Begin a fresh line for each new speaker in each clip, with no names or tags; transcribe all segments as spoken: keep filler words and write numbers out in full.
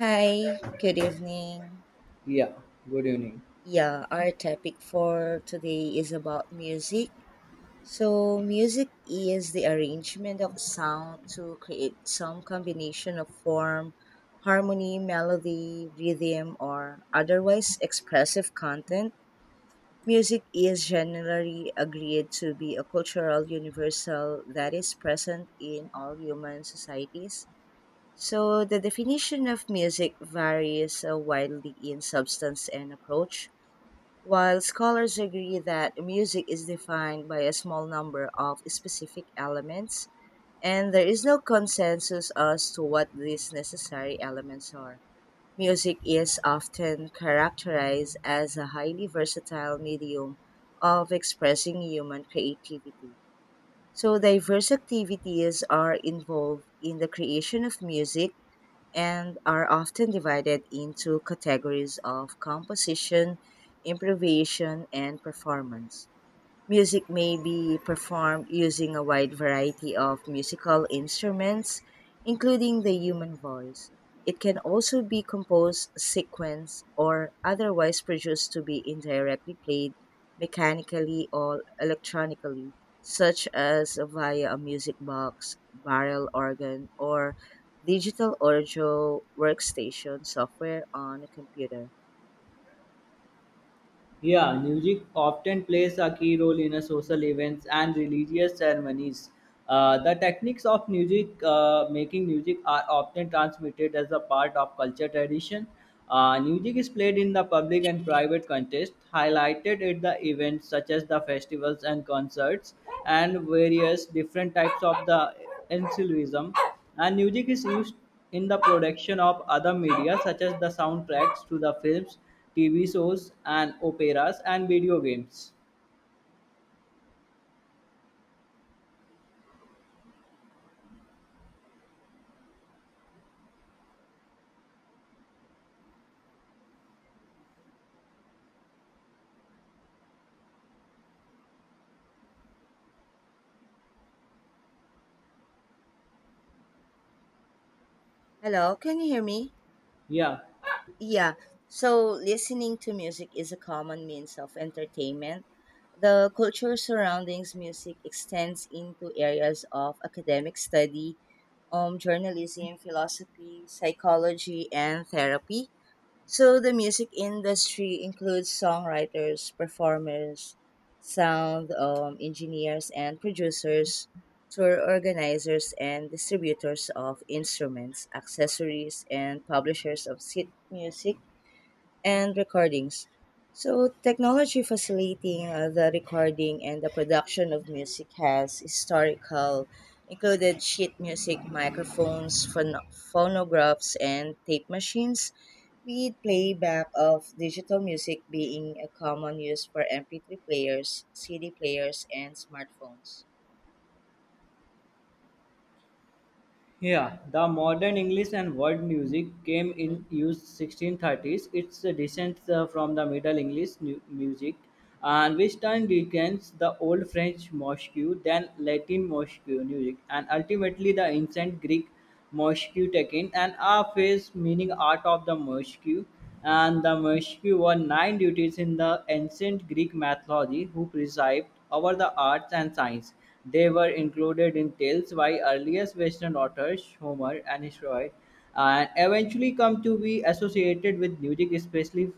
Hi, good evening.
Yeah, good evening.
Yeah, our topic for today is about music. So, music is the arrangement of sound to create some combination of form, harmony, melody, rhythm, or otherwise expressive content. Music is generally agreed to be a cultural universal that is present in all human societies. So the definition of music varies uh, widely in substance and approach. While scholars agree that music is defined by a small number of specific elements, and there is no consensus as to what these necessary elements are. Music is often characterized as a highly versatile medium of expressing human creativity. So, diverse activities are involved in the creation of music and are often divided into categories of composition, improvisation, and performance. Music may be performed using a wide variety of musical instruments, including the human voice. It can also be composed, sequenced, or otherwise produced to be indirectly played mechanically or electronically, such as via a music box, barrel organ, or digital audio workstation software on a computer.
Yeah, Music often plays a key role in a social events and religious ceremonies. Uh, the techniques of music uh, making music are often transmitted as a part of culture tradition. Uh, music is played in the public and private context, highlighted at the events such as the festivals and concerts, and various different types of the ensemble. And music is used in the production of other media such as the soundtracks to the films, T V shows and operas and video games.
Hello, can you hear me?
Yeah,
Yeah. So listening to music is a common means of entertainment. The culture surrounding music extends into areas of academic study, um, journalism, philosophy, psychology, and therapy. So the music industry includes songwriters, performers, sound um, engineers, and producers, tour organizers, and distributors of instruments, accessories, and publishers of sit music and recordings. So, technology facilitating uh, the recording and the production of music has historical included sheet music, microphones, phon- phonographs, and tape machines, with playback of digital music being a common use for M P three players, C D players, and smartphones.
yeah. The modern English and world music came in
Hmm?
use sixteen thirties. It's a descent uh, from the Middle English nu- music, and which time becomes the Old French mosque, then Latin mosque music, and ultimately the ancient Greek Morsque Tekken and Aphes meaning art of the Morsque, and the Morsque were nine deities in the ancient Greek mythology who presided over the arts and science. They were included in tales by earliest Western authors Homer and Herodotus and eventually come to be associated with music, especially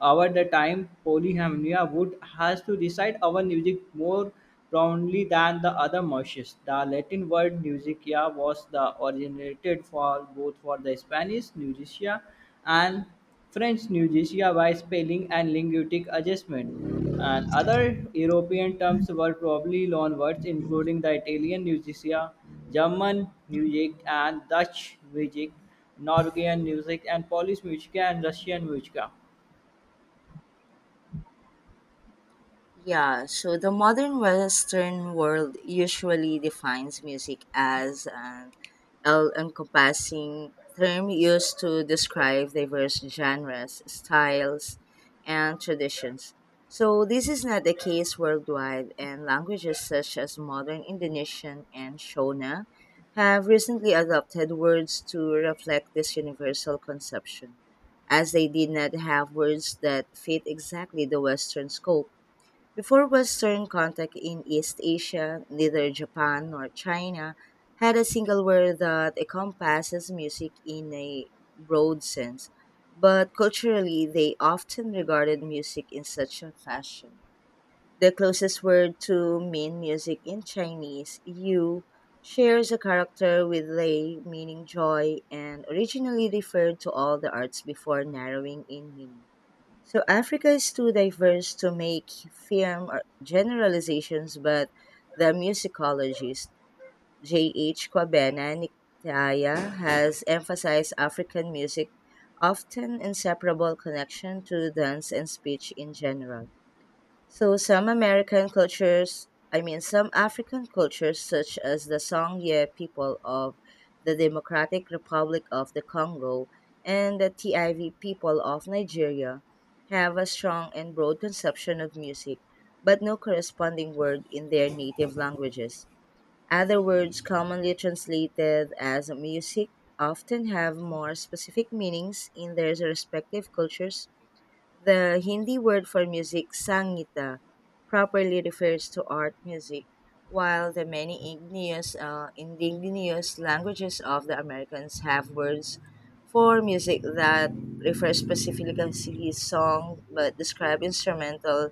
over the time, Polyhymnia would has to recite our music more profoundly than the other Mauritius. The Latin word "musicia" was the originated for both for the Spanish "musicía" and French "musicía" by spelling and linguistic adjustment. And other European terms were probably loan words, including the Italian "musicia," German music and Dutch music, Norwegian music and Polish music and Russian music.
Yeah, so the modern Western world usually defines music as an all encompassing term used to describe diverse genres, styles, and traditions. So, this is not the case worldwide, and languages such as modern Indonesian and Shona have recently adopted words to reflect this universal conception, as they did not have words that fit exactly the Western scope. Before Western contact in East Asia, neither Japan nor China had a single word that encompasses music in a broad sense, but culturally they often regarded music in such a fashion. The closest word to mean music in Chinese, yu, shares a character with lei, meaning joy, and originally referred to all the arts before narrowing in meaning. So Africa is too diverse to make firm or generalizations, but the musicologist J H. Kwabena Nikitaya has emphasized African music often inseparable connection to dance and speech in general. So some American cultures, I mean some African cultures such as the Songye people of the Democratic Republic of the Congo and the T I V people of Nigeria have a strong and broad conception of music, but no corresponding word in their native languages. Other words commonly translated as music often have more specific meanings in their respective cultures. The Hindi word for music, Sangita, properly refers to art music, while the many igneous, uh, indigenous languages of the Americans have words for music that refer specifically to song but describe instrumental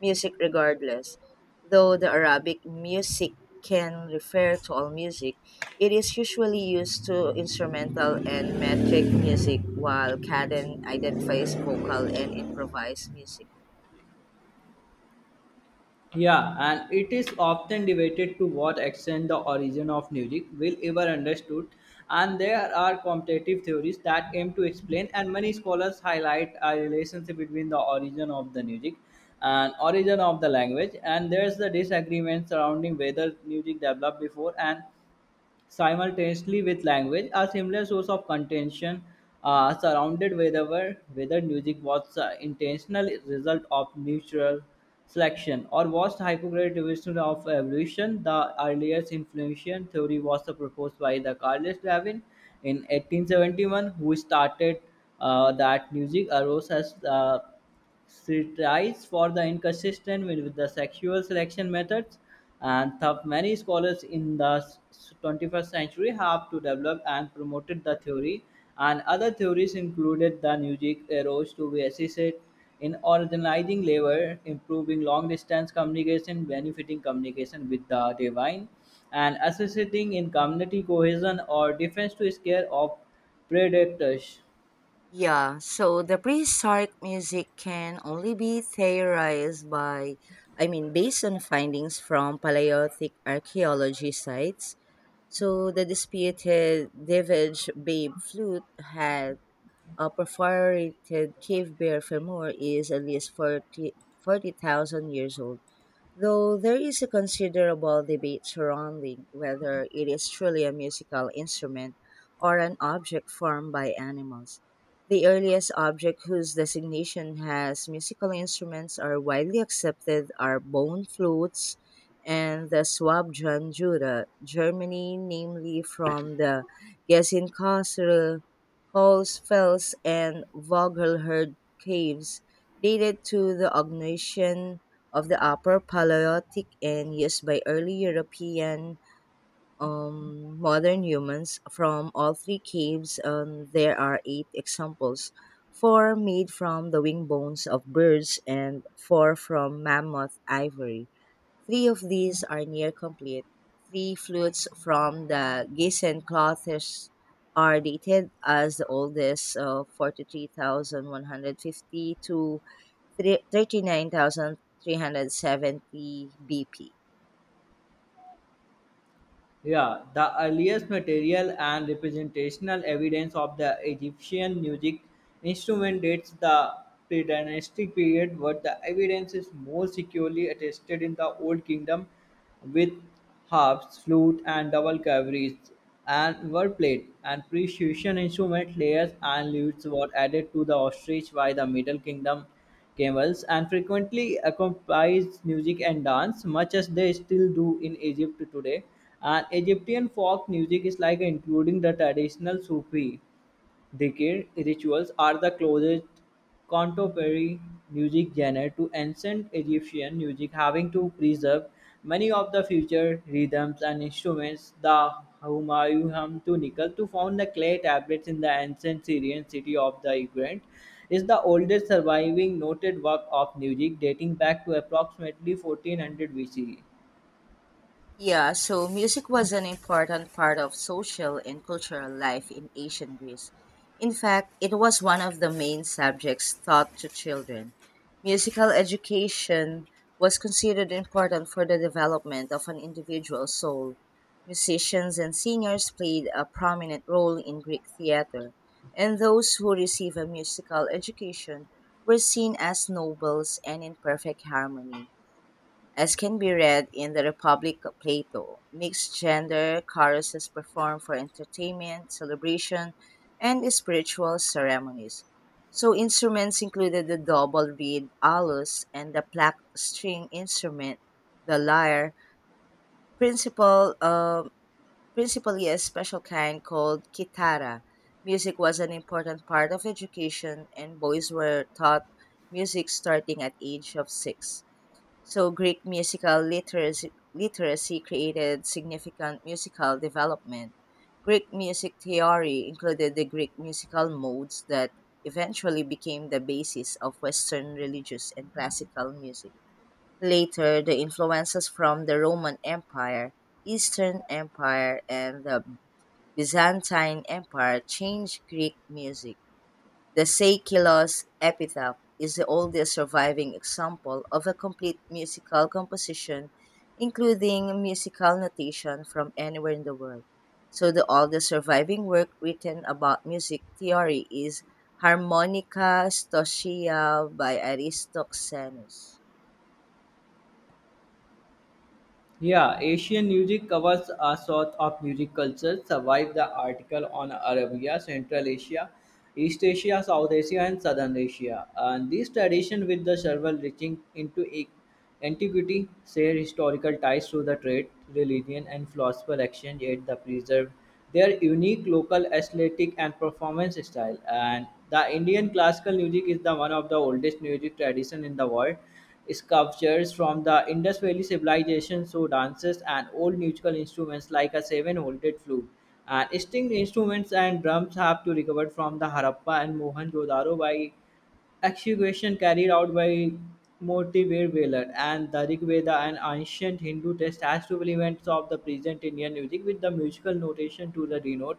music regardless, though the Arabic music can refer to all music. It is usually used to instrumental and metric music, while caden identifies vocal and improvised music.
Yeah, and it is often debated to what extent the origin of music will ever understood, and there are competitive theories that aim to explain, and many scholars highlight a relationship between the origin of the music and origin of the language, and there's the disagreement surrounding whether music developed before and simultaneously with language, a similar source of contention uh, surrounded whether, whether music was uh, intentional result of natural selection or was hypocritical of evolution. The earliest influential theory was proposed by the Carlos Darwin in eighteen seventy-one, who started uh, that music arose as uh, she tries for the inconsistent with with the sexual selection methods and thought many scholars in the s- twenty-first century have to develop and promoted the theory and other theories included the music arose to be assisted in organizing labor, improving long distance communication, benefiting communication with the divine, and assisting in community cohesion or defense to scare of predators.
Yeah, so the prehistoric music can only be theorized by, I mean, based on findings from Paleolithic archaeology sites. So the disputed Davidge babe flute had a perforated cave bear femur is at least forty forty thousand years old. Though there is a considerable debate surrounding whether it is truly a musical instrument or an object formed by animals. The earliest objects whose designation has musical instruments are widely accepted are bone flutes and the Swabjan Jura, Germany, namely from the Geisenkosel, Holzfels, and Vogelherd caves, dated to the Ordovician of the Upper Paleolithic and used by early European um, modern humans. From all three caves, um, there are eight examples, four made from the wing bones of birds and four from mammoth ivory. Three of these are near complete. Three flutes from the Gießen cloths are dated as the oldest, uh, forty-three thousand one hundred fifty to thirty-nine thousand three hundred seventy B P.
Yeah, the earliest material and representational evidence of the Egyptian music instrument dates the pre-dynastic period, but the evidence is more securely attested in the Old Kingdom with harps, flute, and double cavities and were played, and precision instrument layers and lutes were added to the ostrich by the Middle Kingdom camels, and frequently accompanies music and dance, much as they still do in Egypt today. And Egyptian folk music is like including the traditional Sufi. Dhikr rituals are the closest contemporary music genre to ancient Egyptian music, having to preserve many of the future rhythms and instruments. The Humayun to Nickel, to found the clay tablets in the ancient Syrian city of the Ignorant, is the oldest surviving noted work of music dating back to approximately fourteen hundred B C E.
Yeah, so music was an important part of social and cultural life in ancient Greece. In fact, it was one of the main subjects taught to children. Musical education was considered important for the development of an individual's soul. Musicians and singers played a prominent role in Greek theater, and those who received a musical education were seen as nobles and in perfect harmony. As can be read in the Republic of Plato, mixed gender choruses perform for entertainment, celebration, and spiritual ceremonies. So instruments included the double reed alus and the plucked string instrument, the lyre, principal, um principally a special kind called kitara. Music was an important part of education, and boys were taught music starting at age of six. So Greek musical literacy, literacy created significant musical development. Greek music theory included the Greek musical modes that eventually became the basis of Western religious and classical music. Later, the influences from the Roman Empire, Eastern Empire, and the Byzantine Empire changed Greek music. The "Seikilos Epitaph" is the oldest surviving example of a complete musical composition including musical notation from anywhere in the world. So the oldest surviving work written about music theory is Harmonica Stoichia by Aristoxenus.
Yeah, Asian music covers a sort of music culture. Survive the article on Arabia, Central Asia, East Asia, South Asia, and Southern Asia. And this tradition, with the several reaching into a- antiquity, share historical ties to the trade, religion, and philosophical exchange. Yet, the preserve their unique local aesthetic and performance style. And the Indian classical music is the one of the oldest music tradition in the world sculptures from the Indus Valley civilization so dances and old musical instruments like a seven-handled flute. And
Mhm.
string instruments and drums have to recovered from the Harappa and Mohenjo-daro by excavation carried out by Motivir Velar and the Rig Veda, an ancient Hindu text, has two elements of the present Indian music, with the musical notation to the denote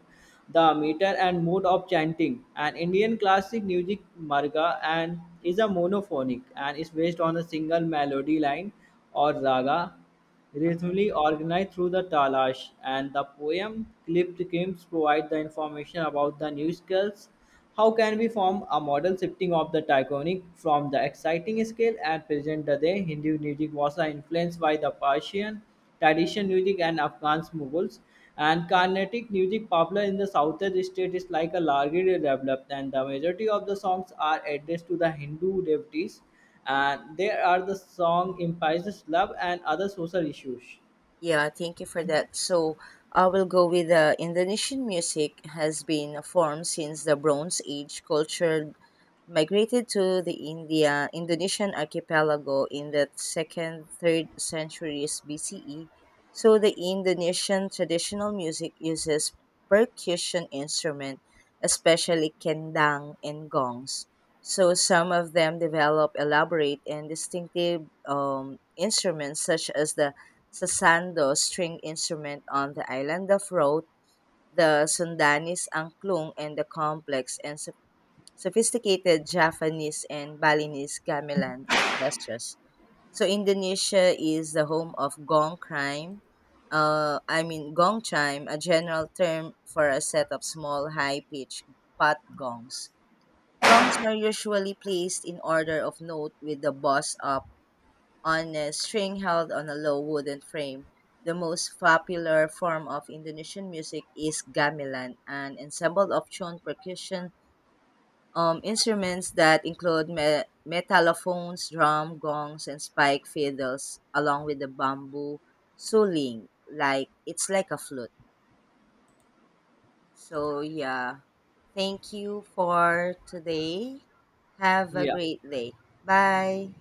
the meter and mode of chanting. And Indian classic music marga and is a monophonic and is based on a single melody line or raga
Uh-huh.
rhythmically organized through the talash and the poem clipped games provide the information about the new skills. How
Mhm.
can we form a model shifting of the taconic from the exciting scale and present the day? Hindu music was influenced by the Persian tradition music and Afghan Mughals, and Carnatic music popular in the southern state is like a largely developed, and the majority of the songs are addressed to the Hindu devotees and there are the song implies love and other social issues.
Yeah, thank you for that. So I will go with uh, Indonesian music has been a form since the Bronze Age culture migrated to the India Indonesian archipelago in the second third centuries B C E, so the Indonesian traditional music uses percussion instrument, especially kendang and gongs. So some of them develop elaborate and distinctive um, instruments such as the sasando string instrument on the island of Rote, the Sundanese angklung, and the complex and sophisticated Japanese and Balinese gamelan orchestras. So Indonesia is the home of gong crime. Uh, I mean gong chime, a general term for a set of small high-pitched pot gongs. Gongs are usually placed in order of note with the boss up on a string held on a low wooden frame. The most popular form of Indonesian music is gamelan, an ensemble of tuned percussion um, instruments that include me- metallophones, drum, gongs, and spike fiddles, along with the bamboo suling. Like it's like a flute. So yeah, thank you for today. Have a
Yeah,
great day. Bye.